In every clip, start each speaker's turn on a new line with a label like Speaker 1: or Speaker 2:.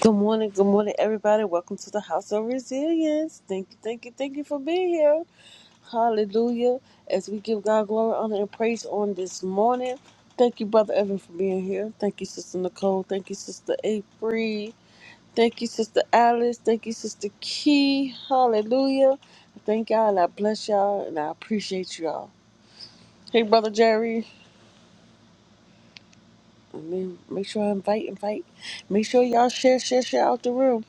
Speaker 1: Good morning, good morning, everybody. Welcome to the House of Resilience. Thank you, thank you, thank you for being here. Hallelujah. As we give God glory, honor, and praise on this morning. Thank you, Brother Evan, for being here. Thank you, Sister Nicole. Thank you, Sister April. Thank you, Sister Alice. Thank you, Sister Key. Hallelujah. I Thank y'all, and I bless y'all, and I appreciate y'all. Hey, Brother Jerry. I mean, make sure I invite, invite. Make sure y'all share, share, share out the room.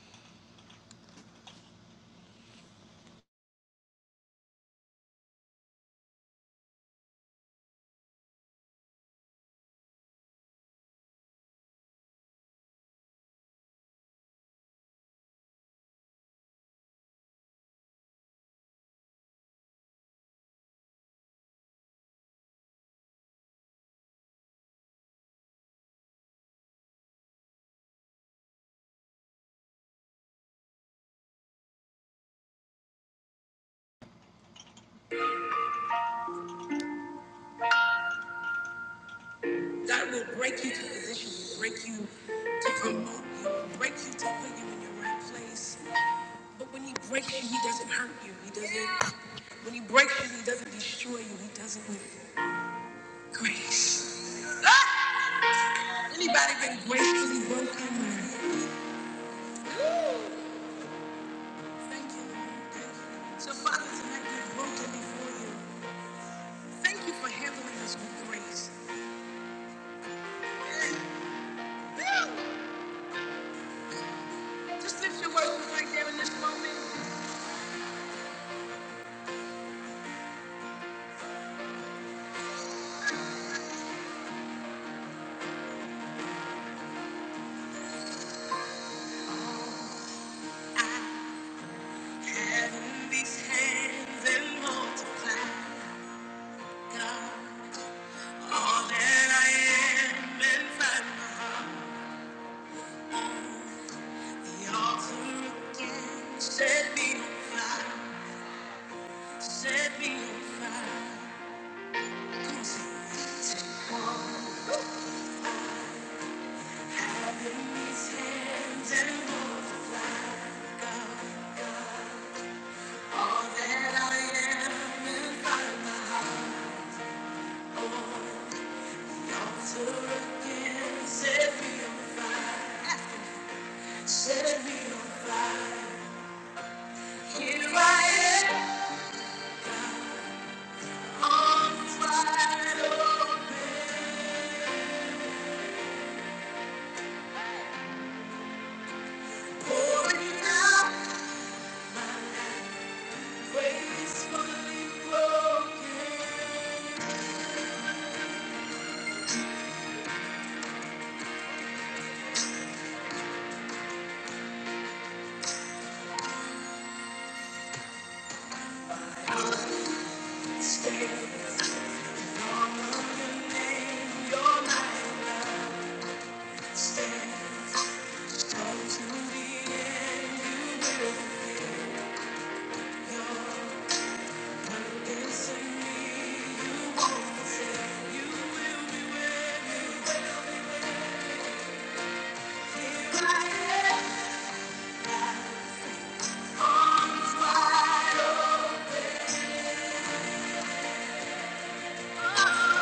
Speaker 1: God will break you to position you, break you to promote you, break you to put you in your right place. But when He breaks you, He doesn't hurt you. He doesn't. When He breaks you, He doesn't destroy you. He does it with grace. Ah! Anybody been gracefully broken? Thank you. Lord. Thank you. So Father, tonight we're broken before you. Thank you for handling us with grace. Just lift your worship right there in this moment. Heaven these hands and multiply. All that I am and find the altar again. Set me on fire, set me on fire. Come sing. Have in hands and voice of God. All that I am and find my heart on the altar again. Set me on fire, set me on fire. Here I am. Arms wide open, pouring out gracefully broken. Stand on the name your life stands. Come to the end, you will come. Listen me, you won't forsake. You will be with me. Here I am, arms wide open. Jesus.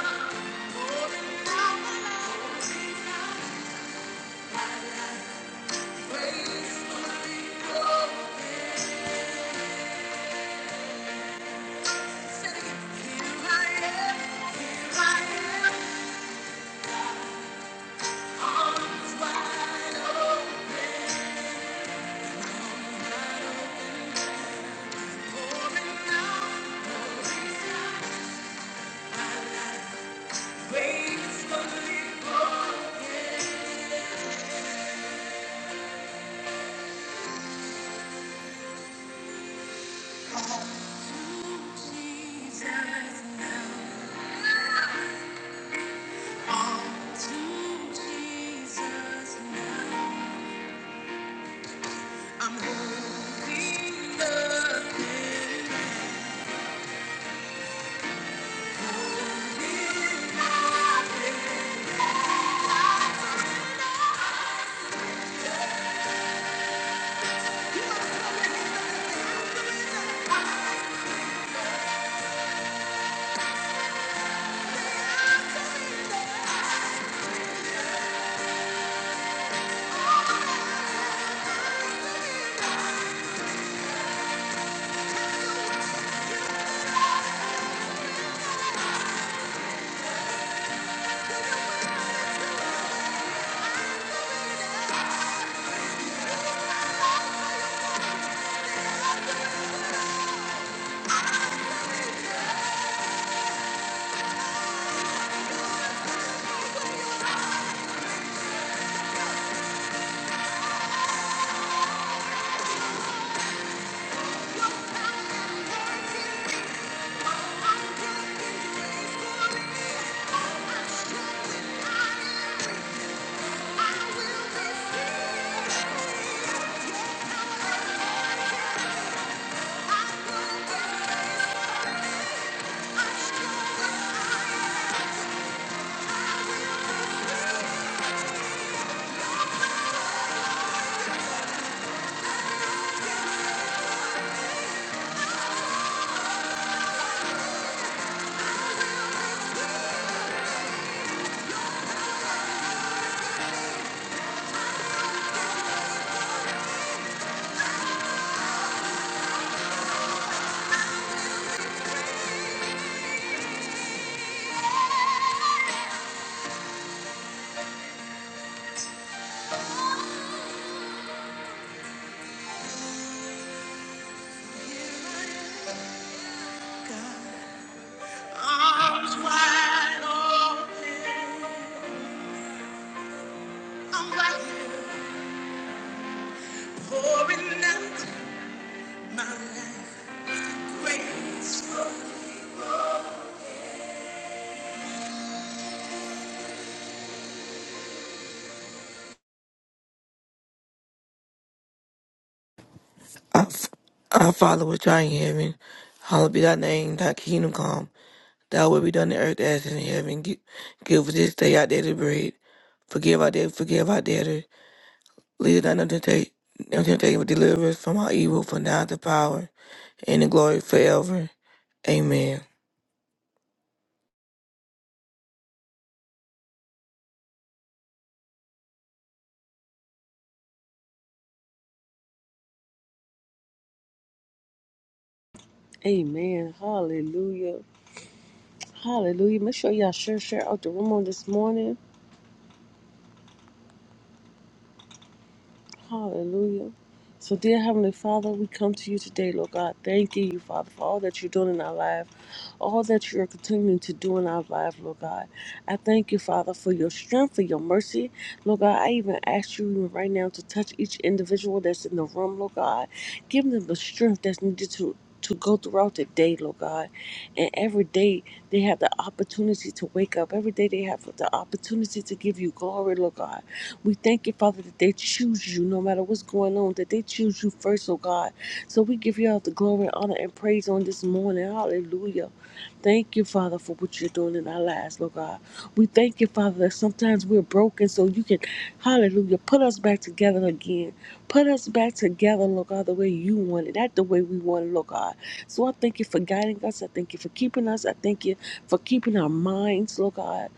Speaker 1: Arms wide open, I'm waiting for another.
Speaker 2: Our f- our Father which art in heaven, hallowed be thy name, thy kingdom come, thy will be done on earth as in heaven. Gi- Give us this day our daily bread. Forgive our debt, forgive our debtors. Lead us not into temptation, but deliver us from our evil, for thine is the power and the glory forever. Amen.
Speaker 1: Amen. Hallelujah. Hallelujah. Make sure y'all share, share out the room on this morning. Hallelujah. So, dear Heavenly Father, we come to you today, Lord God, thanking you, Father, for all that you're doing in our life. all that you are continuing to do in our life, Lord God. I thank you, Father, for your strength, for your mercy. Lord God, I even ask you even right now to touch each individual that's in the room, Lord God. Give them the strength that's needed to to go throughout the day, Lord God. And every day they have the opportunity to wake up. Every day they have the opportunity to give you glory, Lord God. We thank you, Father, that they choose you no matter what's going on, that they choose you first, oh God. So we give you all the glory, honor, and praise on this morning. Hallelujah. Thank you, Father, for what you're doing in our lives, Lord God. We thank you, Father, that sometimes we're broken so you can, hallelujah, put us back together again. Put us back together, Lord God, the way you want it, not the way we want it, Lord God. So I thank you for guiding us. I thank you for keeping us. I thank you for keeping our minds, Lord God.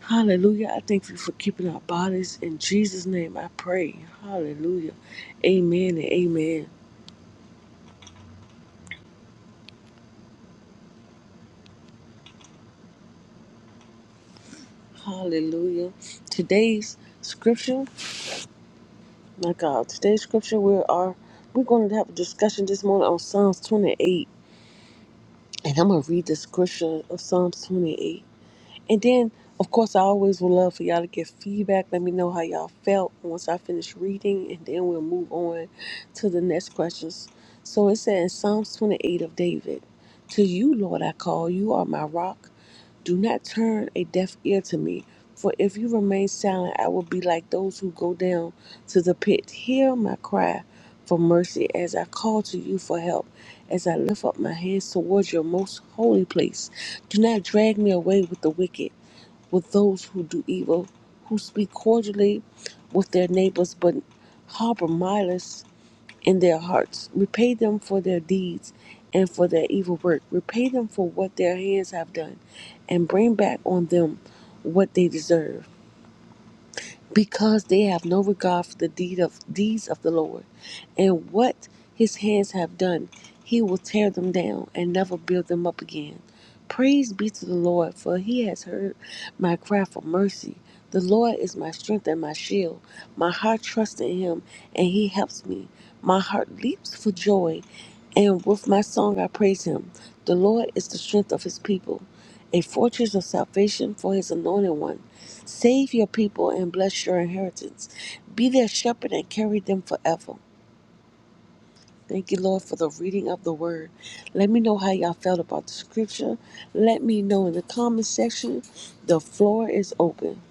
Speaker 1: Hallelujah. I thank you for keeping our bodies. In Jesus' name, I pray. Hallelujah. Amen and amen. Hallelujah. Today's scripture My God, today's scripture we are we're going to have a discussion this morning on Psalms 28, and I'm going to read the scripture of Psalms 28, and then of course I always would love for y'all to get feedback. Let me know how y'all felt once I finish reading, and then we'll move on to the next questions. So it says Psalms 28 of David, "To you, Lord, I call. You are my rock. Do not turn a deaf ear to me, for if you remain silent, I will be like those who go down to the pit. Hear my cry for mercy as I call to you for help, as I lift up my hands towards your most holy place. Do not drag me away with the wicked, with those who do evil, who speak cordially with their neighbors, but harbor malice in their hearts. Repay them for their deeds and for their evil work. Repay them for what their hands have done and bring back on them what they deserve because they have no regard for the deed of deeds of the Lord, and what his hands have done, he will tear them down and never build them up again. Praise be to the Lord, for he has heard my cry for mercy. The Lord is my strength and my shield. My heart trusts in him, and he helps me. My heart leaps for joy, and with my song I praise him. The Lord is the strength of his people, a fortress of salvation for his anointed one. Save your people and bless your inheritance. Be their shepherd and carry them forever. Thank you, Lord, for the reading of the word. Let me know how y'all felt about the scripture. Let me know in the comment section. The floor is open.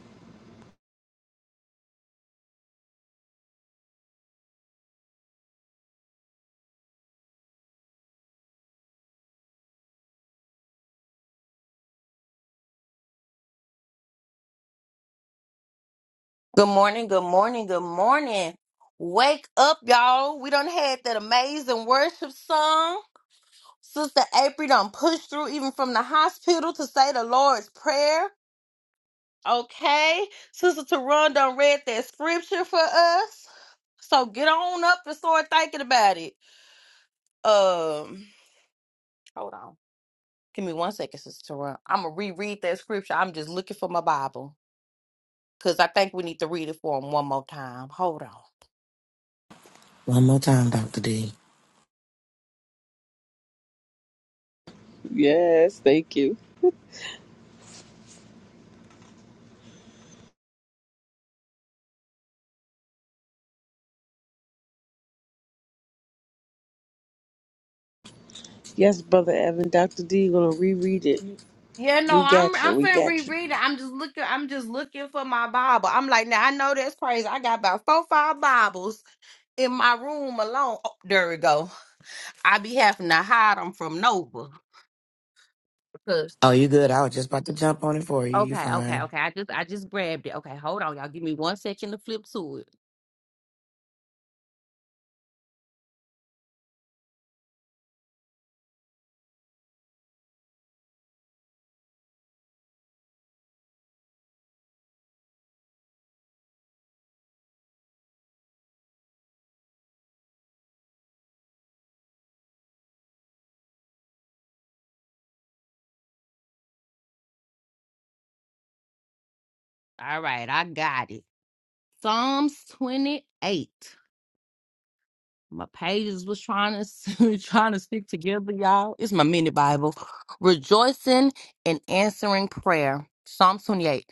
Speaker 3: Good morning, good morning, good morning. Wake up, y'all. We done had that amazing worship song. Sister April done pushed through even from the hospital to say the Lord's Prayer. Okay. Sister Teron done read that scripture for us. So get on up and start thinking about it. Um, hold on. Give me one second, Sister Teron. I'm gonna reread that scripture. I'm just looking for my Bible. Cause I think we need to read it for him one more time. Hold on.
Speaker 4: One more time, Dr. D.
Speaker 1: Yes, thank you. Yes, Brother Evan, Dr. D, you're going to reread it.
Speaker 3: Y- Yeah, no,
Speaker 1: We
Speaker 3: I'm
Speaker 1: got
Speaker 3: I'm
Speaker 1: you. We
Speaker 3: finna
Speaker 1: got you.
Speaker 3: reread it. I'm just looking. I'm just looking for my Bible. I'm like, now I know that's crazy. I got about four, five Bibles in my room alone. Oh, there we go. I be having to hide them from Nova. Cause
Speaker 4: Oh, you good? I was just about to jump on it for you. You
Speaker 3: okay, okay,
Speaker 4: fine.
Speaker 3: okay. I just I just grabbed it. Okay, hold on, y'all. Give me one second to flip to it. All right, I got it. Psalms twenty eight. my pages was trying to trying to stick together, y'all. It's my mini Bible. Rejoicing and answering prayer. Psalm 28.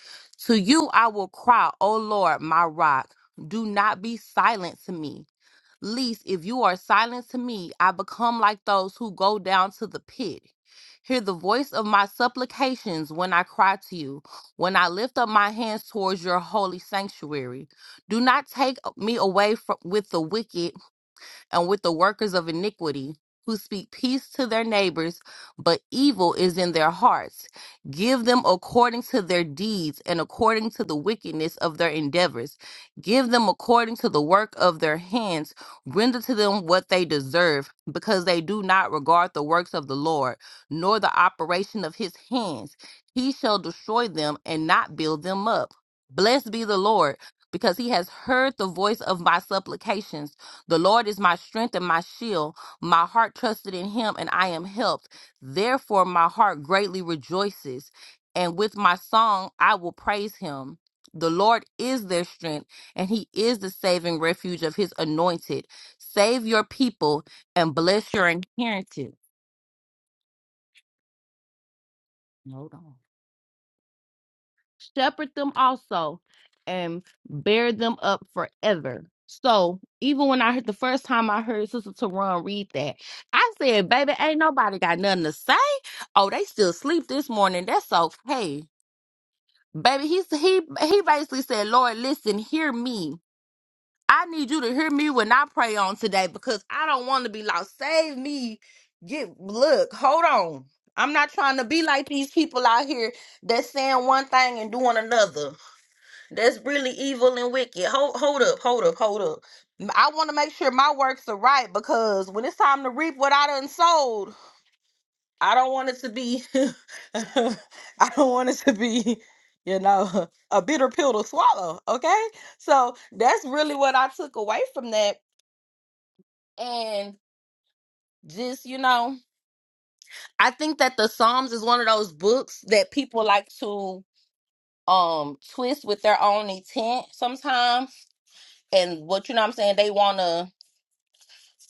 Speaker 3: To you I will cry, O Lord, my rock. Do not be silent to me. Least if you are silent to me, I become like those who go down to the pit. Hear the voice of my supplications when I cry to you, when I lift up my hands towards your holy sanctuary. Do not take me away from, with the wicked and with the workers of iniquity, who speak peace to their neighbors, but evil is in their hearts. Give them according to their deeds and according to the wickedness of their endeavors. Give them according to the work of their hands. Render to them what they deserve, because they do not regard the works of the Lord, nor the operation of his hands. He shall destroy them and not build them up. Blessed be the Lord, because he has heard the voice of my supplications the Lord is my strength and my shield. My heart trusted in him, and I am helped. Therefore, my heart greatly rejoices, and with my song I will praise him. The Lord is their strength, and he is the saving refuge of his anointed. Save your people and bless your inheritance. Hold on. shepherd them also and bear them up forever. So even when I heard the first time I heard Sister Taron read that, I said, baby, ain't nobody got nothing to say. Oh, they still sleep this morning. That's okay. Baby, he he he basically said, Lord, listen, hear me. I need you to hear me when I pray on today because I don't want to be lost. Save me. Get look, hold on. I'm not trying to be like these people out here that's saying one thing and doing another. That's really evil and wicked. Hold, hold up, hold up, hold up. M- I want to make sure my works are right because when it's time to reap what I done sold, I don't want it to be, I don't want it to be, you know, a bitter pill to swallow. Okay, so that's really what I took away from that, and just you know, I think that the Psalms is one of those books that people like to um twist with their own intent sometimes, and what you know, what I'm saying they want to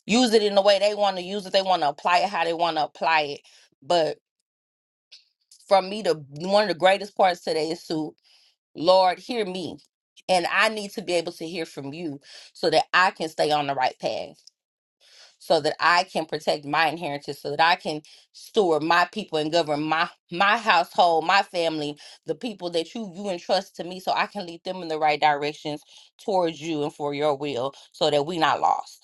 Speaker 3: use it in the way they want to use it. They want to apply it how they want to apply it. But for me, the one of the greatest parts today is to Lord, hear me, and I need to be able to hear from you so that I can stay on the right path, so that I can protect my inheritance, so that I can steward my people and govern my my household, my family, the people that you you entrust to me, so I can lead them in the right directions towards you and for your will, so that we not lost.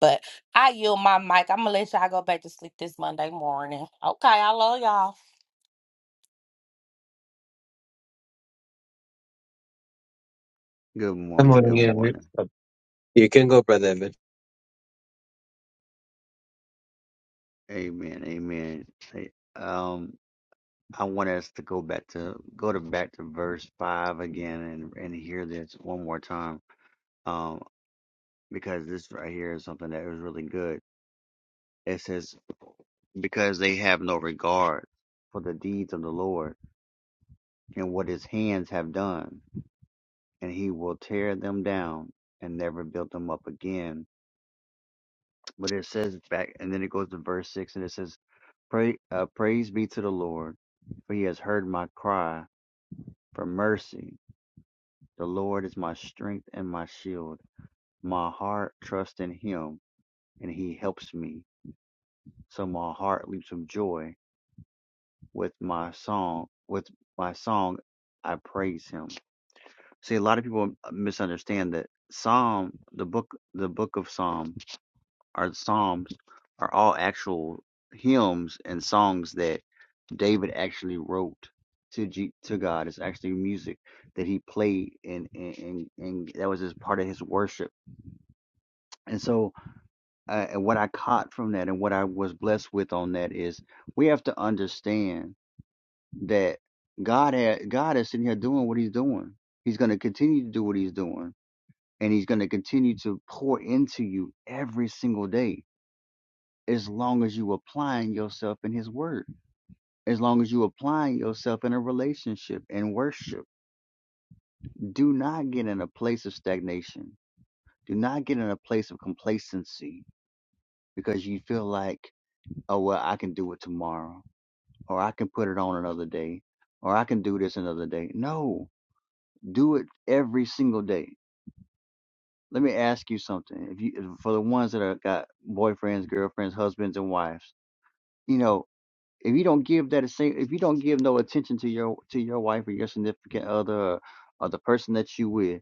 Speaker 3: But I yield my mic. I'm gonna let y'all go back to sleep this Monday morning. Okay, I love y'all.
Speaker 5: Good
Speaker 6: Good
Speaker 5: morning.
Speaker 6: morning,
Speaker 5: Good morning.
Speaker 6: everyone. You can go, Brother Evan.
Speaker 5: Amen. Amen. Hey, Um, I want us to go back to go to back to verse five again and and hear this one more time. Um, because this right here is something that is really good. It says, "Because they have no regard for the deeds of the Lord and what His hands have done, and He will tear them down and never build them up again." But it says back, and then it goes to verse 6 and it says, Pray, uh, Praise be to the Lord, for he has heard my cry for mercy. The Lord is my strength and my shield. My heart trusts in him, and he helps me. So my heart leaps with joy. With my song, with my song, I praise him. See, a lot of people uh, misunderstand that Psalm, the book, the book of Psalm. Are the Psalms are all actual hymns and songs that David actually wrote to G- to God. It's actually music that he played, and and and, and that was just part of his worship. And so, uh, and what I caught from that, and what I was blessed with on that is, we have to understand that God had, God is sitting here doing what He's doing. He's going to continue to do what He's doing, and He's going to continue to pour into you every single day as long as you applying yourself in his word as long as you applying yourself in a relationship and worship do not get in a place of stagnation do not get in a place of complacency because you feel like oh well i can do it tomorrow or i can put it on another day or i can do this another day no do it every single day let me ask you something if you for the ones that are got boyfriends girlfriends husbands and wives you know if you don't give that same if you don't give no attention to your to your wife or your significant other or the person that you with,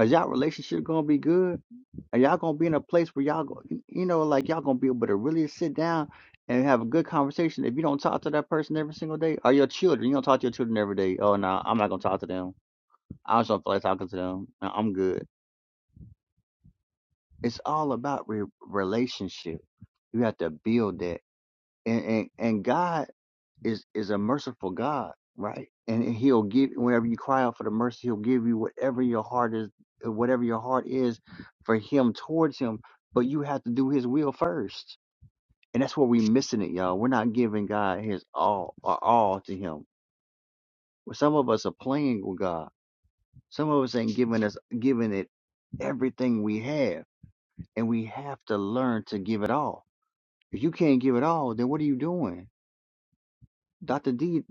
Speaker 5: is y'all relationship gonna be good? Are y'all gonna be in a place where y'all go you know, like y'all gonna be able to really sit down and have a good conversation? If you don't talk to that person every single day, or your children, you don't talk to your children every day. Oh no, I'm not gonna talk to them. I just don't feel like talking to them. No, I'm good. It's all about re- relationship. You have to build that. and and, and God is is a merciful God, right? And He'll give whenever you cry out for the mercy, He'll give you whatever your heart is, uh, whatever your heart is for Him towards Him. But you have to do His will first, and that's where we're missing it, y'all. We're not giving God His all, our all to Him. Well, Some of us are playing with God. Some of us ain't giving us giving it everything we have, and we have to learn to give it all. If you can't give it all, then what are you doing? Dr. D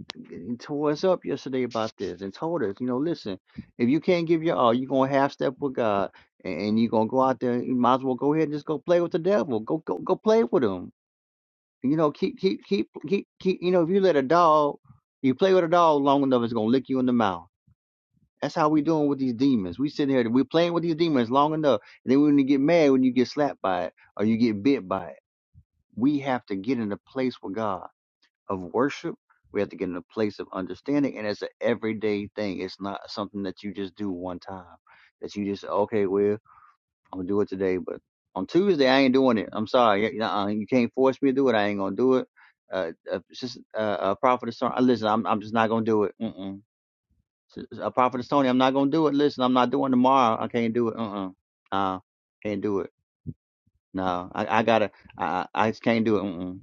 Speaker 5: tore us up yesterday about this and told us, you know, listen, if you can't give your all, you're gonna half step with God and and you're gonna go out there, you might as well go ahead and just go play with the devil. Go go go play with him. You know, keep keep keep keep keep you know, if you let a dog you play with a dog long enough, it's gonna lick you in the mouth. That's how we doing with these demons. We sitting here, we playing with these demons long enough, and then we gonna get mad when you get slapped by it or you get bit by it. We have to get in a place with God of worship. We have to get in a place of understanding, and it's an everyday thing. It's not something that you just do one time. That you just okay, well, I'm gonna do it today, but on Tuesday I ain't doing it. I'm sorry, you, uh, you can't force me to do it. I ain't gonna do it. Uh, uh, just uh, uh, prophet of Son- uh, listen, I'm I'm just not gonna do it. Mm-mm. A prophet of Tony, I'm not gonna do it. Listen, I'm not doing tomorrow. I can't do it. Uh-uh. Uh, can't do it. No, I, I gotta. I I I just can't do it. Mm-mm.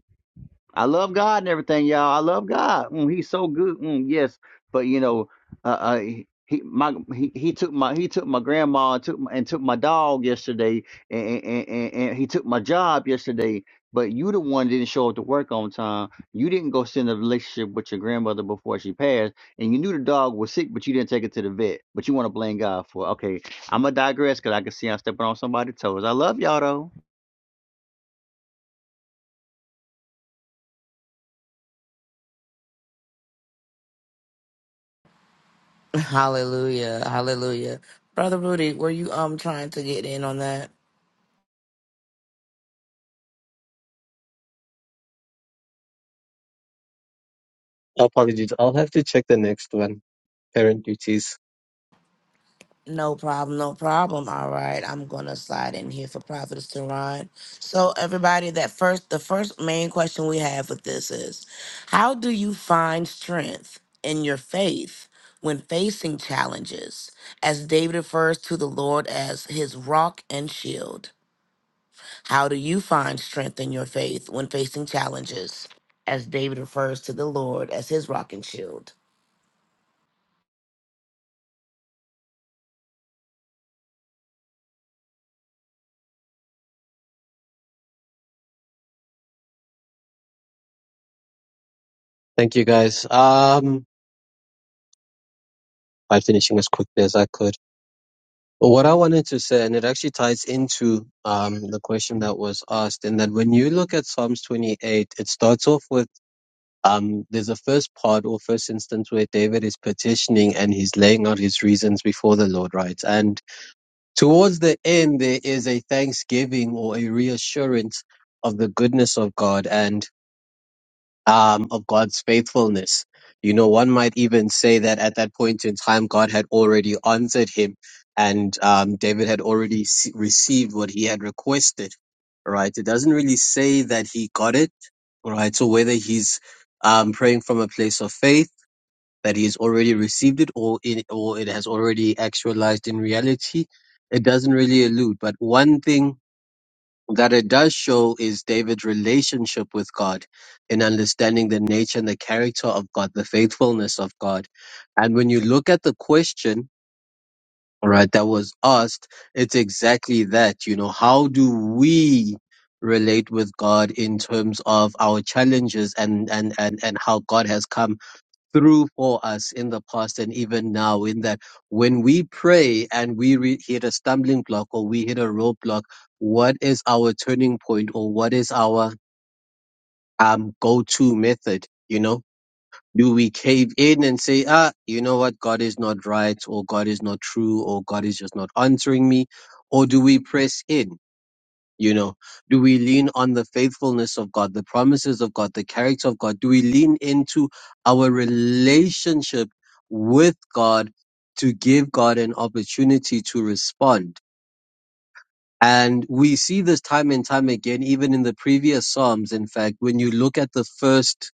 Speaker 5: I love God and everything, y'all. I love God. Mm, he's so good. Mm, yes, but you know, uh, uh, he he- my he, he took my he took my grandma and took my, and took my dog yesterday, and, and, and, and he took my job yesterday. But you the one that didn't show up to work on time. You didn't go send a relationship with your grandmother before she passed, and you knew the dog was sick, but you didn't take it to the vet. But you want to blame God for. it. Okay, I'm gonna digress because I can see I'm stepping on somebody's toes. I love y'all though.
Speaker 4: Hallelujah. Hallelujah. Brother Rudy, were you um trying to get in on that?
Speaker 6: Apologies. I'll have to check the next one. Parent duties.
Speaker 4: No problem, no problem. All right. I'm gonna slide in here for Prophetess to So everybody, that first the first main question we have with this is how do you find strength in your faith when facing challenges? As David refers to the Lord as his rock and shield. How do you find strength in your faith when facing challenges? As David refers to the Lord as his rock and shield.
Speaker 6: Thank you, guys. Um, by finishing as quickly as I could. But what I wanted to say, and it actually ties into um the question that was asked, in that when you look at Psalms 28, it starts off with um there's a first part or first instance where David is petitioning and he's laying out his reasons before the Lord, right? And Towards the end, there is a thanksgiving or a reassurance of the goodness of God and um, of God's faithfulness. You know, one might even say that at that point in time, God had already answered him and um, David had already s- received what he had requested, right? It doesn't really say that he got it, right? So whether he's um, praying from a place of faith, that he has already received it or it or it has already actualized in reality. It doesn't really allude, but one thing that it does show is David's relationship with God in understanding the nature and the character of God, the faithfulness of God. And when you look at the question, all right, that was asked, it's exactly that, you know, how do we relate with God in terms of our challenges and and and and how God has come through for us in the past and even now in that when we pray and we re- hit a stumbling block or we hit a roadblock what is our turning point or what is our um go-to method you know do we cave in and say ah you know what god is not right or god is not true or god is just not answering me or do we press in you know, do we lean on the faithfulness of God, the promises of God, the character of God? Do we lean into our relationship with God to give God an opportunity to respond? And we see this time and time again, even in the previous Psalms. In fact, when you look at the first,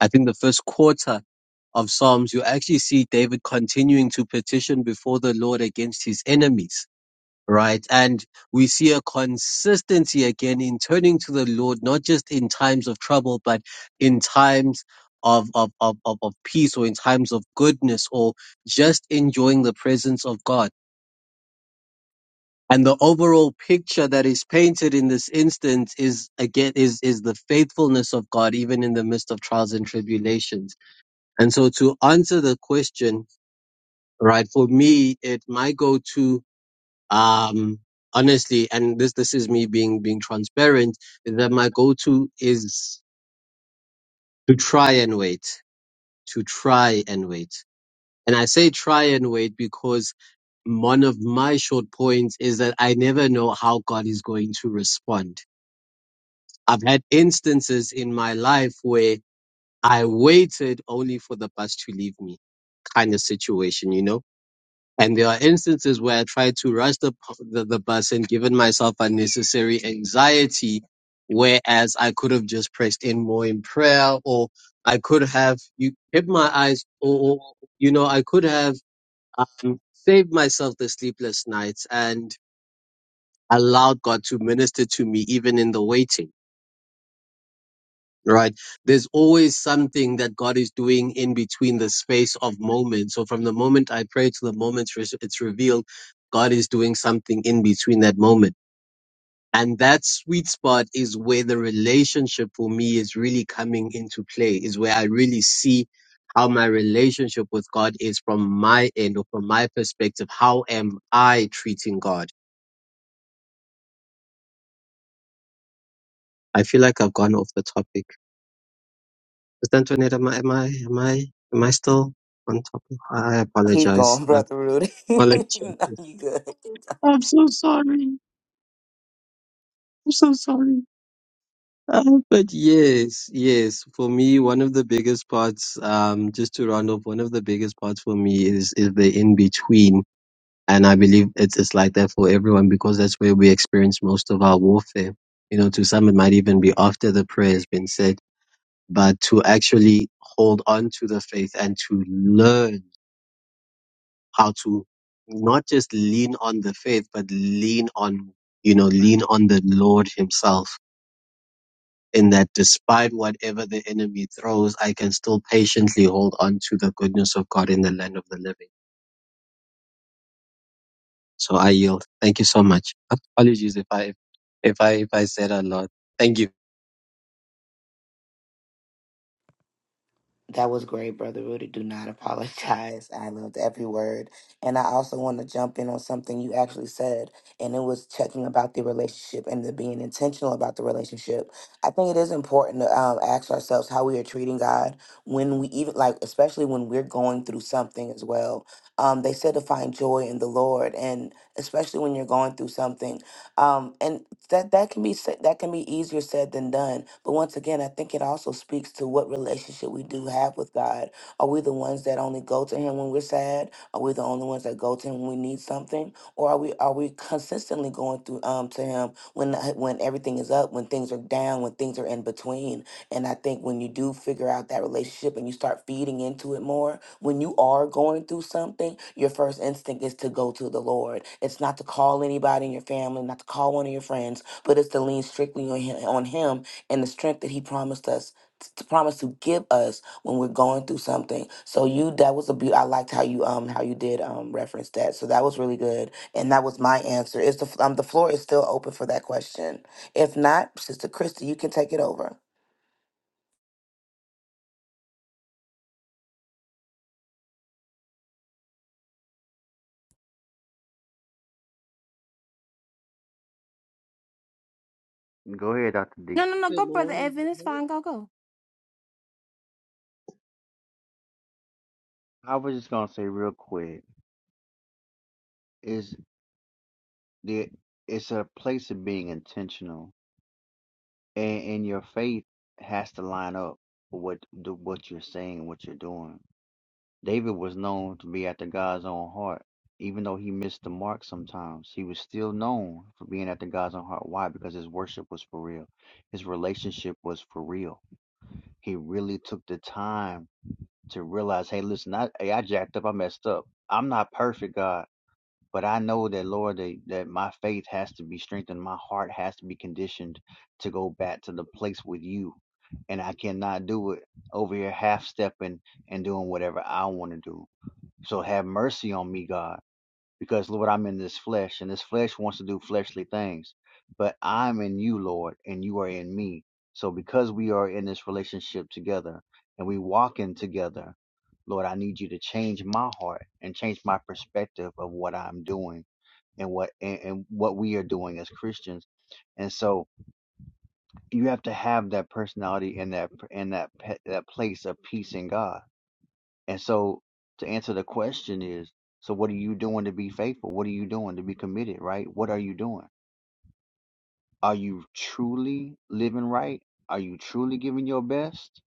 Speaker 6: I think the first quarter of Psalms, you actually see David continuing to petition before the Lord against his enemies right? And we see a consistency again in turning to the Lord, not just in times of trouble, but in times of, of, of, of, of peace or in times of goodness or just enjoying the presence of God. And the overall picture that is painted in this instance is again is is the faithfulness of God even in the midst of trials and tribulations. And so to answer the question, right, for me it my go to um honestly and this this is me being being transparent is that my go-to is to try and wait to try and wait and i say try and wait because one of my short points is that i never know how god is going to respond i've had instances in my life where i waited only for the bus to leave me kind of situation you know And there are instances where I tried to rush the, the, the bus and given myself unnecessary anxiety, whereas I could have just pressed in more in prayer or I could have you kept my eyes or, or, you know, I could have um, saved myself the sleepless nights and allowed God to minister to me even in the waiting. right? There's always something that God is doing in between the space of moments. So from the moment I pray to the moment it's revealed, God is doing something in between that moment. And that sweet spot is where the relationship for me is really coming into play, is where I really see how my relationship with God is from my end or from my perspective. How am I treating God? I feel like I've gone off the topic. Is that Antoinette, am I, am I, am I, am I still on topic? I
Speaker 4: Keep
Speaker 6: apologize.
Speaker 4: going,
Speaker 6: I
Speaker 4: Brother Rudy. no,
Speaker 6: apologize.
Speaker 4: you good.
Speaker 6: I'm so sorry. I'm so sorry. Uh, but yes, yes, for me, one of the biggest parts, um, just to round off, one of the biggest parts for me is, is the in between. And I believe it's, it's like that for everyone because that's where we experience most of our warfare. You know, to some, it might even be after the prayer has been said, but to actually hold on to the faith and to learn how to not just lean on the faith, but lean on, you know, lean on the Lord Himself. In that, despite whatever the enemy throws, I can still patiently hold on to the goodness of God in the land of the living. So I yield. Thank you so much. Apologies if I if I if I said a lot. Thank you.
Speaker 4: That was great, Brother Rudy. Do not apologize. I loved every word. And I also want to jump in on something you actually said, and it was checking about the relationship and the being intentional about the relationship. I think it is important to um, ask ourselves how we are treating God when we even, like, especially when we're going through something as well. Um, they said to find joy in the Lord, and especially when you're going through something, um, and that that can be sa- that can be easier said than done. But once again, I think it also speaks to what relationship we do have with God. Are we the ones that only go to Him when we're sad? Are we the only ones that go to Him when we need something? Or are we are we consistently going through um to Him when when everything is up, when things are down, when things are in between? And I think when you do figure out that relationship and you start feeding into it more, when you are going through something, your first instinct is to go to the Lord. It's not to call anybody in your family, not to call one of your friends, but it's to lean strictly on him, on him and the strength that he promised us to promise to give us when we're going through something. So you that was a beaut. I liked how you um how you did um reference that. So that was really good, and that was my answer. Is the f- um the floor is still open for that question? If not, Sister Christy, you can take it over.
Speaker 5: Go ahead, Doctor D.
Speaker 3: No, no, no.
Speaker 7: Good
Speaker 3: Go, brother
Speaker 7: morning. Good
Speaker 3: Evan. It's
Speaker 7: morning.
Speaker 3: fine. Go, go.
Speaker 5: I was just gonna say real quick. is. There it's a place of being intentional, and, and your faith has to line up with what the, what you're saying, and what you're doing. David was known to be after God's own heart, even though he missed the mark sometimes. He was still known for being after God's own heart. Why? Because his worship was for real, his relationship was for real. He really took the time to realize, hey, listen, I, hey, I jacked up, I messed up. I'm not perfect, God but I know that Lord that, that my faith has to be strengthened, my heart has to be conditioned to go back to the place with you. And I cannot do it over here half stepping and doing whatever I want to do. So have mercy on me, God, because Lord, I'm in this flesh and this flesh wants to do fleshly things. But I'm in you, Lord, and you are in me. So because we are in this relationship together and we walking together, Lord, I need you to change my heart and change my perspective of what I'm doing and what and, and what we are doing as Christians. And so you have to have that personality and that and that pe- that place of peace in God. And so to answer the question is, so what are you doing to be faithful? What are you doing to be committed? Right? What are you doing? Are you truly living right? Are you truly giving your best?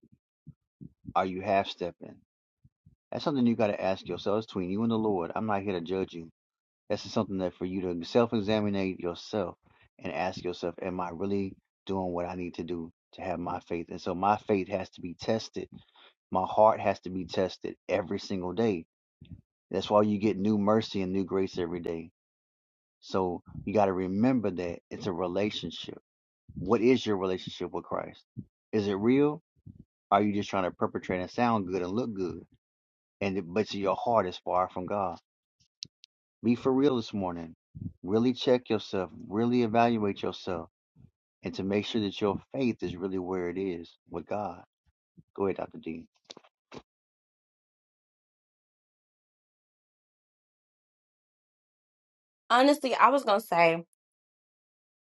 Speaker 5: Are you half stepping? That's something you got to ask yourself. It's between you and the Lord. I'm not here to judge you. This is something that for you to self examine yourself and ask yourself, Am I really doing what I need to do to have my faith? And so my faith has to be tested. My heart has to be tested every single day. That's why you get new mercy and new grace every day. So you got to remember that it's a relationship. What is your relationship with Christ? Is it real? Are you just trying to perpetrate and sound good and look good? And but your heart is far from God. Be for real this morning. Really check yourself, really evaluate yourself, and to make sure that your faith is really where it is with God. Go ahead, Dr. D.
Speaker 3: Honestly, I was gonna say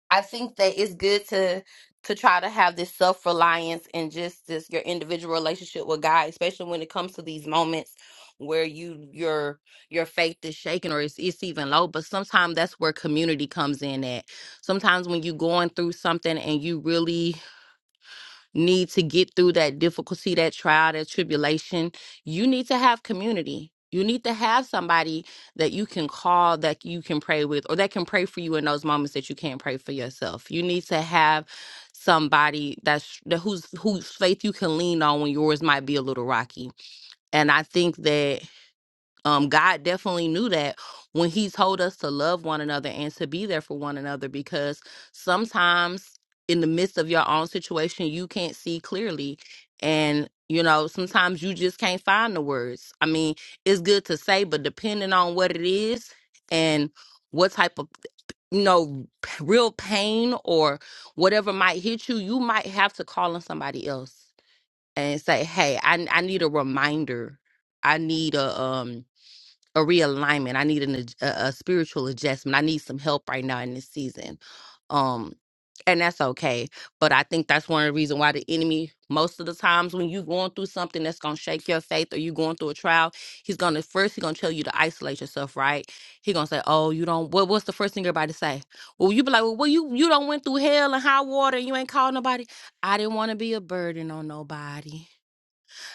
Speaker 3: I think that it's good to to try to have this self reliance and just this your individual relationship with God, especially when it comes to these moments where you your your faith is shaken or it's it's even low. But sometimes that's where community comes in at. Sometimes when you're going through something and you really need to get through that difficulty, that trial, that tribulation, you need to have community. You need to have somebody that you can call, that you can pray with, or that can pray for you in those moments that you can't pray for yourself. You need to have somebody that's that whose whose faith you can lean on when yours might be a little rocky. And I think that um god definitely knew that when he told us to love one another and to be there for one another because sometimes in the midst of your own situation you can't see clearly and you know sometimes you just can't find the words i mean it's good to say but depending on what it is and what type of you know p- real pain or whatever might hit you you might have to call on somebody else and say hey i, I need a reminder i need a um a realignment. I need an, adj- a, a spiritual adjustment. I need some help right now in this season. Um, and that's okay. But I think that's one of the reasons why the enemy, most of the times when you're going through something that's gonna shake your faith or you're going through a trial, he's gonna first he's gonna tell you to isolate yourself, right? He gonna say, Oh, you don't what what's the first thing everybody say? Well, you be like, Well, well you you don't went through hell and high water and you ain't called nobody. I didn't wanna be a burden on nobody.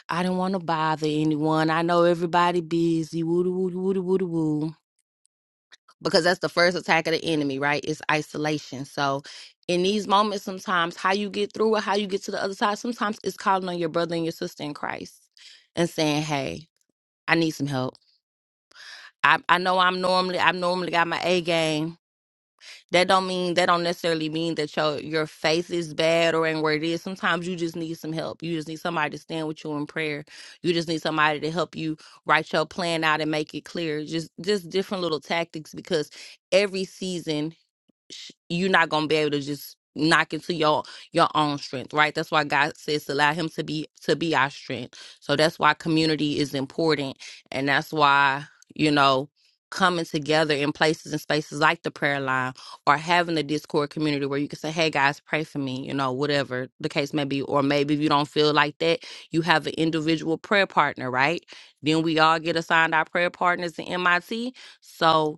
Speaker 3: I didn't want to bother anyone. I know everybody busy. Woo doo woo doo woo doo woo doo woo. Because that's the first attack of the enemy, right? It's isolation. So in these moments, sometimes how you get through it, how you get to the other side, sometimes it's calling on your brother and your sister in Christ and saying, Hey, I need some help. I, I know I'm normally I've normally got my A game, That don't mean that don't necessarily mean that your your faith is bad or ain't where it is. Sometimes you just need some help. You just need somebody to stand with you in prayer. You just need somebody to help you write your plan out and make it clear. Just just different little tactics because every season sh- you're not gonna be able to just knock into your your own strength, right? That's why God says to allow Him to be to be our strength. So that's why community is important, and that's why you know coming together in places and spaces like the prayer line or having a discord community where you can say hey guys pray for me you know whatever the case may be or maybe if you don't feel like that you have an individual prayer partner right then we all get assigned our prayer partners in MIT so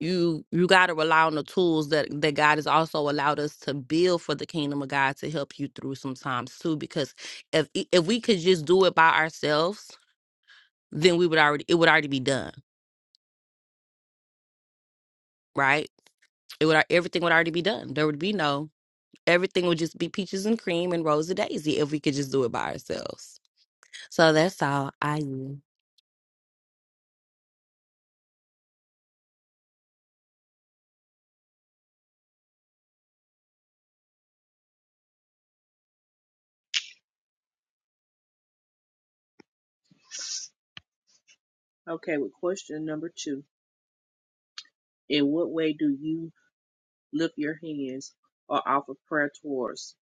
Speaker 3: you you got to rely on the tools that that God has also allowed us to build for the kingdom of God to help you through sometimes too because if if we could just do it by ourselves then we would already it would already be done right it would everything would already be done there would be no everything would just be peaches and cream and rose of daisy if we could just do it by ourselves so that's all I knew.
Speaker 7: Okay, with question number two, in what way do you lift your hands or offer prayer towards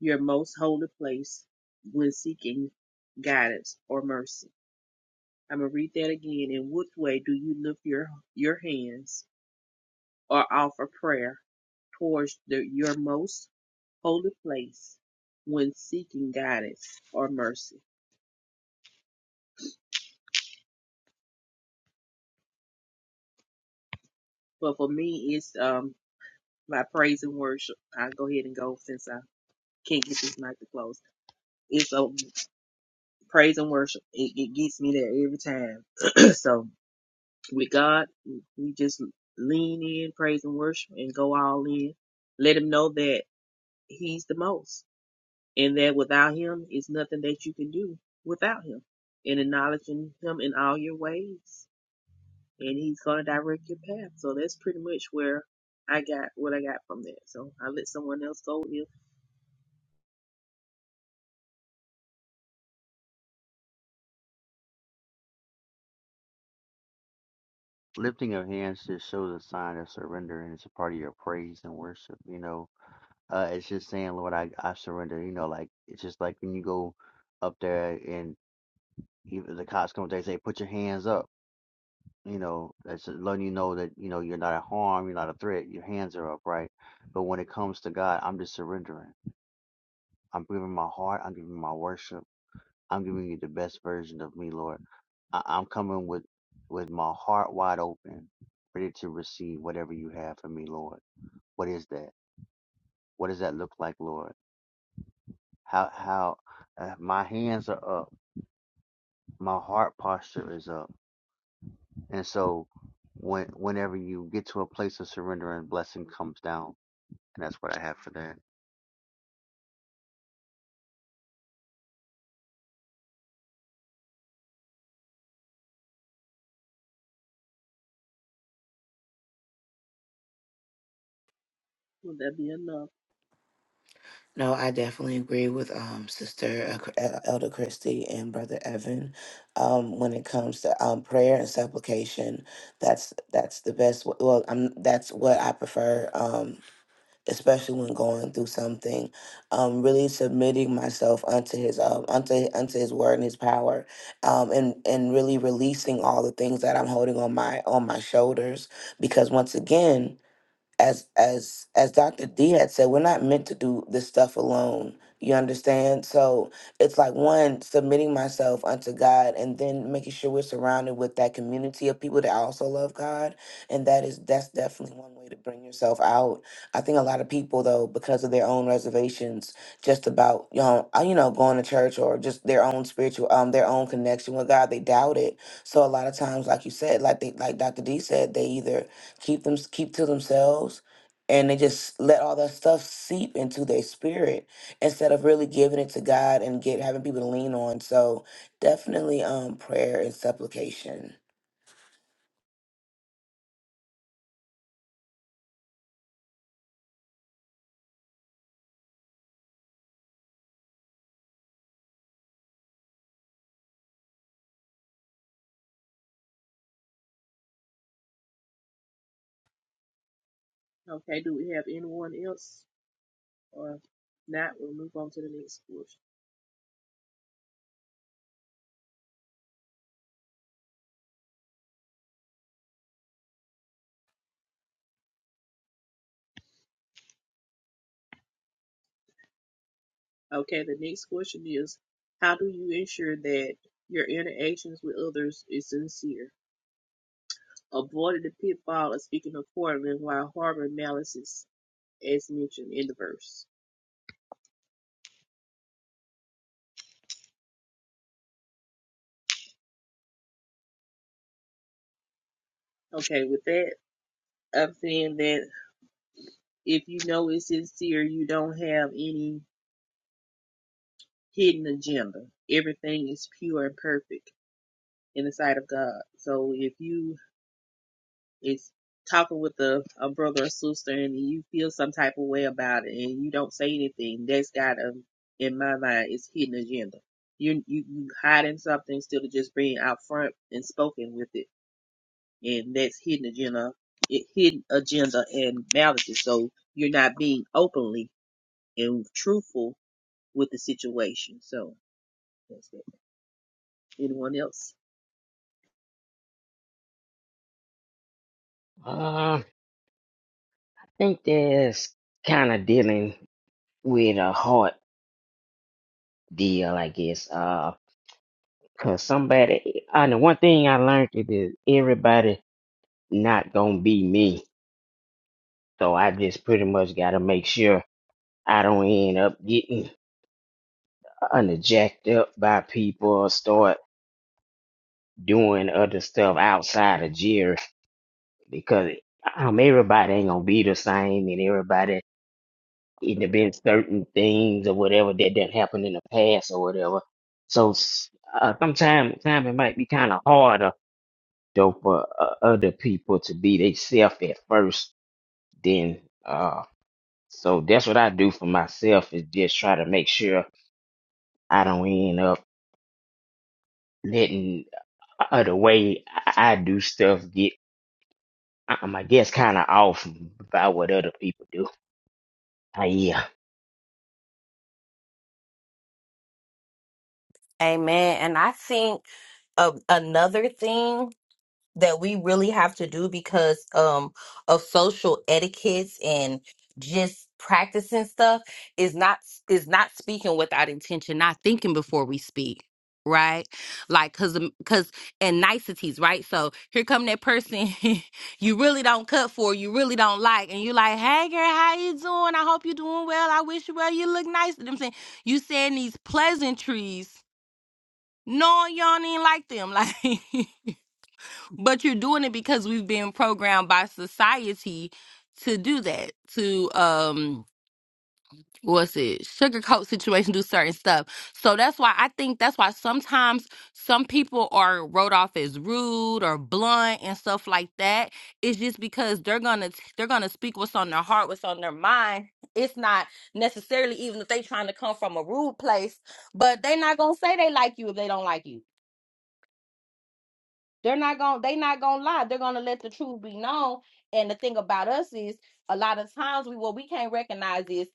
Speaker 7: your most holy place when seeking guidance or mercy? I'm gonna read that again. In what way do you lift your your hands or offer prayer towards the, your most holy place when seeking guidance or mercy? But for me, it's um my praise and worship. I'll go ahead and go since I can't get this mic to close. It's a praise and worship. It, it gets me there every time. so with God, we just lean in, praise and worship, and go all in. Let Him know that He's the most, and that without Him, it's nothing that you can do without Him. And acknowledging Him in all your ways, and He's gonna direct your path. So that's pretty much where I got what I got from that. So I let someone else go if
Speaker 5: Lifting of hands just shows a sign of surrender, and it's a part of your praise and worship. You know, uh, it's just saying, Lord, I, I surrender. You know, like it's just like when you go up there and even the cops come up there and say, put your hands up. You know, that's letting you know that you know you're not a harm, you're not a threat. Your hands are up, right? But when it comes to God, I'm just surrendering. I'm giving my heart. I'm giving my worship. I'm giving you the best version of me, Lord. I- I'm coming with with my heart wide open, ready to receive whatever you have for me, Lord. What is that? What does that look like, Lord? How how uh, my hands are up, my heart posture is up, and so when whenever you get to a place of surrender and blessing comes down, and that's what I have for that.
Speaker 7: would that be enough.
Speaker 4: No, I definitely agree with um sister uh, Chr- uh, Elder Christie and brother Evan. Um, when it comes to um prayer and supplication, that's that's the best. w- Well, I'm that's what I prefer. Um, especially when going through something, um, really submitting myself unto His um unto unto His word and His power, um, and and really releasing all the things that I'm holding on my on my shoulders. Because once again as as as Dr. D had said, we're not meant to do this stuff alone. You understand? So it's like one submitting myself unto God, and then making sure we're surrounded with that community of people that also love God, and that is that's definitely one way to bring yourself out. I think a lot of people though, because of their own reservations, just about you know uh, you know going to church or just their own spiritual um their own connection with God, they doubt it. So a lot of times, like you said, like they like Dr. D said, they either keep them keep to themselves and they just let all that stuff seep into their spirit instead of really giving it to God and get having people to lean on. So definitely um prayer and supplication.
Speaker 7: Okay, do we have anyone else? Or if not, we'll move on to the next question. Okay, the next question is How do you ensure that your interactions with others is sincere? Avoid the pitfall of speaking accordingly while harboring malice, as mentioned in the verse. Okay, with that, I'm saying that if you know it's sincere, you don't have any hidden agenda. Everything is pure and perfect in the sight of God. So if you It's talking with a, a brother or sister and you feel some type of way about it and you don't say anything, that's got a, in my mind, it's hidden agenda. You you you hiding something instead of just being out front and spoken with it, and that's hidden agenda, it, hidden agenda and malice. So you're not being openly and truthful with the situation. So that's it. Anyone else?
Speaker 8: Uh, I think that's kind of dealing with a heart deal, I guess. Uh, cause somebody, I know one thing I learned is that everybody not gonna be me. So I just pretty much gotta make sure I don't end up getting under jacked up by people or start doing other stuff outside of Jerry because um everybody ain't gonna be the same and everybody it have been certain things or whatever that didn't happen in the past or whatever. So s- uh, sometimes, sometimes it might be kind of harder though for uh, other people to be themselves at first. Then, uh, so that's what I do for myself is just try to make sure I don't end up letting uh, the way I I do stuff get, um, I guess, kind of off by what other people do. Uh, yeah.
Speaker 3: Amen. And I think uh, another thing that we really have to do because um of social etiquettes and just practicing stuff is not is not speaking without intention not thinking before we speak right like because because and niceties right so here come that person you really don't cut for you really don't like and you like hey girl how you doing i hope you're doing well i wish you well you look nice and i'm saying you saying these pleasantries no, y'all ain't like them. Like But you're doing it because we've been programmed by society to do that, to um what's it, sugarcoat situation, do certain stuff. So that's why I think that's why sometimes some people are wrote off as rude or blunt and stuff like that. It's just because they're gonna they're gonna speak what's on their heart, what's on their mind. It's not necessarily even if they trying to come from a rude place, but they not gonna say they like you if they don't like you. They're not going to they not going to lie. They're going to let the truth be known. And the thing about us is a lot of times we what we can't recognize is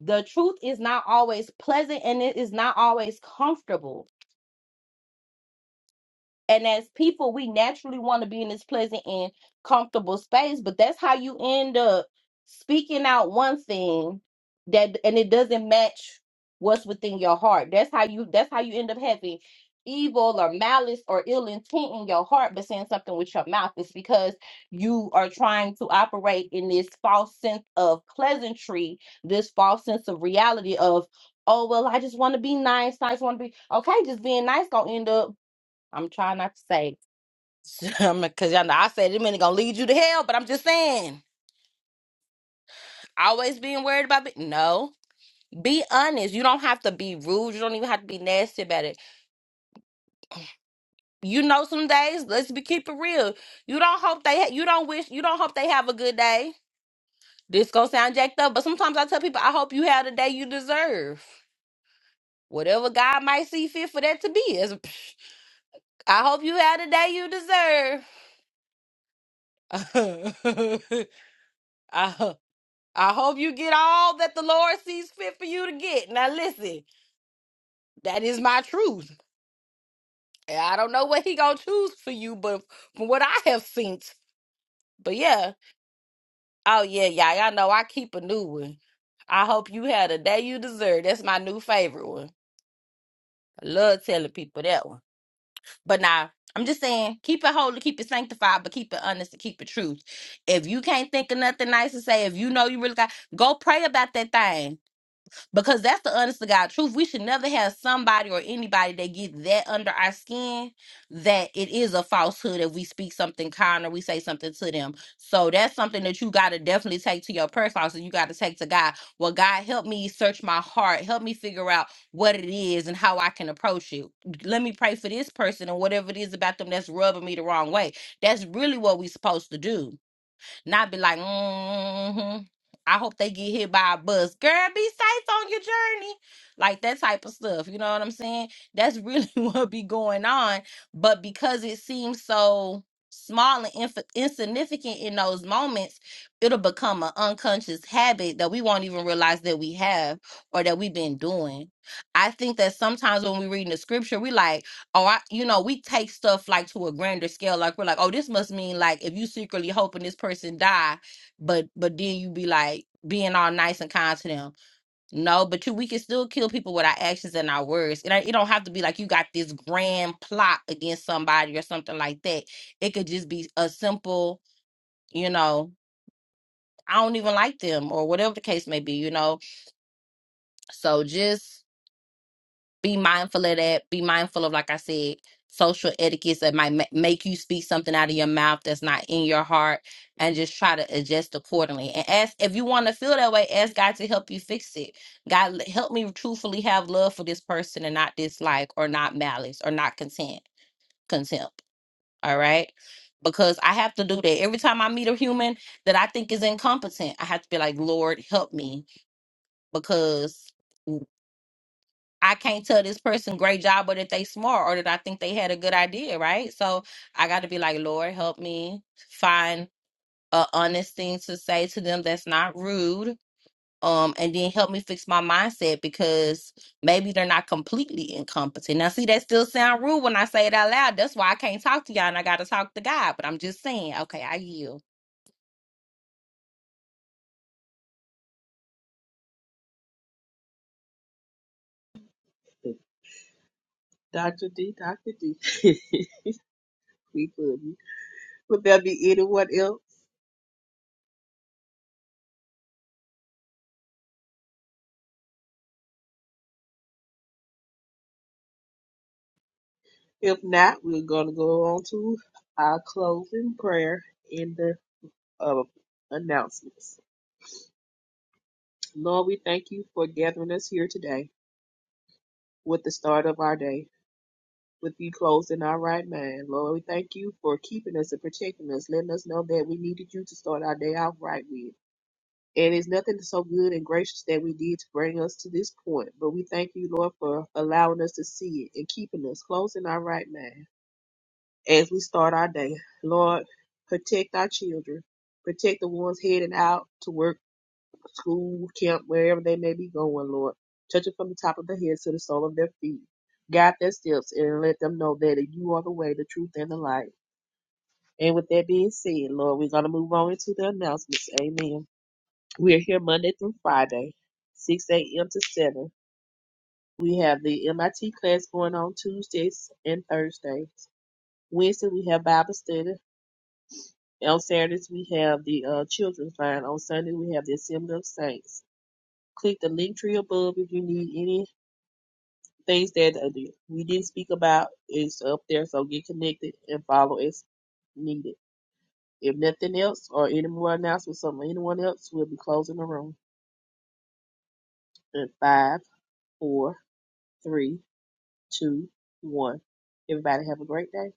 Speaker 3: the truth is not always pleasant and it is not always comfortable and as people, we naturally want to be in this pleasant and comfortable space, but that's how you end up speaking out one thing that and it doesn't match what's within your heart. That's how you that's how you end up having evil or malice or ill intent in your heart but saying something with your mouth It's because you are trying to operate in this false sense of pleasantry, this false sense of reality of oh well I just want to be nice, I just want to be okay, just being nice gonna end up I'm trying not to say, because y'all know I said it minute gonna lead you to hell, but I'm just saying, always being worried about it. No, be honest. You don't have to be rude. You don't even have to be nasty about it. You know, some days, let's be keep it real. You don't hope they, ha- you don't wish, you don't hope they have a good day. This gonna sound jacked up, but sometimes I tell people, I hope you had the day you deserve. Whatever God might see fit for that to be is. I hope you had the day you deserve. I, I hope you get all that the Lord sees fit for you to get. Now listen, that is my truth. And I don't know what he gonna choose for you, but from what I have seen, but yeah. Oh yeah, yeah, y'all know I keep a new one. I hope you had a day you deserve. That's my new favorite one. I love telling people that one. But now I'm just saying, keep it holy, keep it sanctified, but keep it honest and keep it truth. If you can't think of nothing nice to say, if you know you really got, go pray about that thing Because that's the honest to God truth. We should never have somebody or anybody that get that under our skin that it is a falsehood if we speak something kind or we say something to them. So that's something that you got to definitely take to your prayer closet. You got to take to God. Well, God, help me search my heart. Help me figure out what it is and how I can approach you. Let me pray for this person and whatever it is about them that's rubbing me the wrong way. That's really what we're supposed to do not be like, mm-hmm. I hope they get hit by a bus. Girl, be safe on your journey. Like that type of stuff. You know what I'm saying? That's really what be going on. But because it seems so small and inf- insignificant in those moments, it'll become an unconscious habit that we won't even realize that we have or that we've been doing. I think that sometimes when we read in the scripture, we like, oh, I, you know, we take stuff like to a grander scale. Like we're like, oh, this must mean like if you secretly hoping this person die, but but then you be like being all nice and kind to them. No, but you, we can still kill people with our actions and our words. It ain't- it don't have to be like you got this grand plot against somebody or something like that. It could just be a simple, you know, I don't even like them or whatever the case may be. You know, so just. be mindful of that. Be mindful of, like I said, social etiquettes that might ma- make you speak something out of your mouth that's not in your heart, and just try to adjust accordingly. And ask if you want to feel that way. Ask God to help you fix it. God l- help me truthfully have love for this person and not dislike or not malice or not content contempt. All right. Because I have to do that every time I meet a human that I think is incompetent. I have to be like, Lord, help me. Because I can't tell this person great job or that they smart or that I think they had a good idea, right? So I got to be like, Lord, help me find a honest thing to say to them that's not rude. Um, and then help me fix my mindset because maybe they're not completely incompetent. Now, see, that still sound rude when I say it out loud. That's why I can't talk to y'all and I got to talk to God. But I'm just saying, okay, I yield.
Speaker 7: Dr. D, Dr. D, we good. Would there be anyone else? If not, we're going to go on to our closing prayer and the uh, announcements. Lord, we thank you for gathering us here today with the start of our day, with you closed in our right mind. Lord, we thank you for keeping us and protecting us, letting us know that we needed you to start our day out right with. And it's nothing so good and gracious that we did to bring us to this point. But we thank you, Lord, for allowing us to see it and keeping us close in our right mind. as we start our day. Lord, protect our children. Protect the ones heading out to work, school, camp, wherever they may be going, Lord. Touch them from the top of their heads to the sole of their feet. Guide their steps and let them know that you are the way, the truth, and the light. And with that being said, Lord, we're going to move on into the announcements. Amen. We are here Monday through Friday, 6 a.m. to 7. We have the MIT class going on Tuesdays and Thursdays. Wednesday, we have Bible study. On Saturdays, we have the uh, children's line. On Sunday, we have the Assembly of Saints. Click the link tree above if you need any things that uh, we didn't speak about. It's up there, so get connected and follow as needed. If nothing else or any more announcements from anyone else, we'll be closing the room in five, four, three, two, one. Everybody have a great day.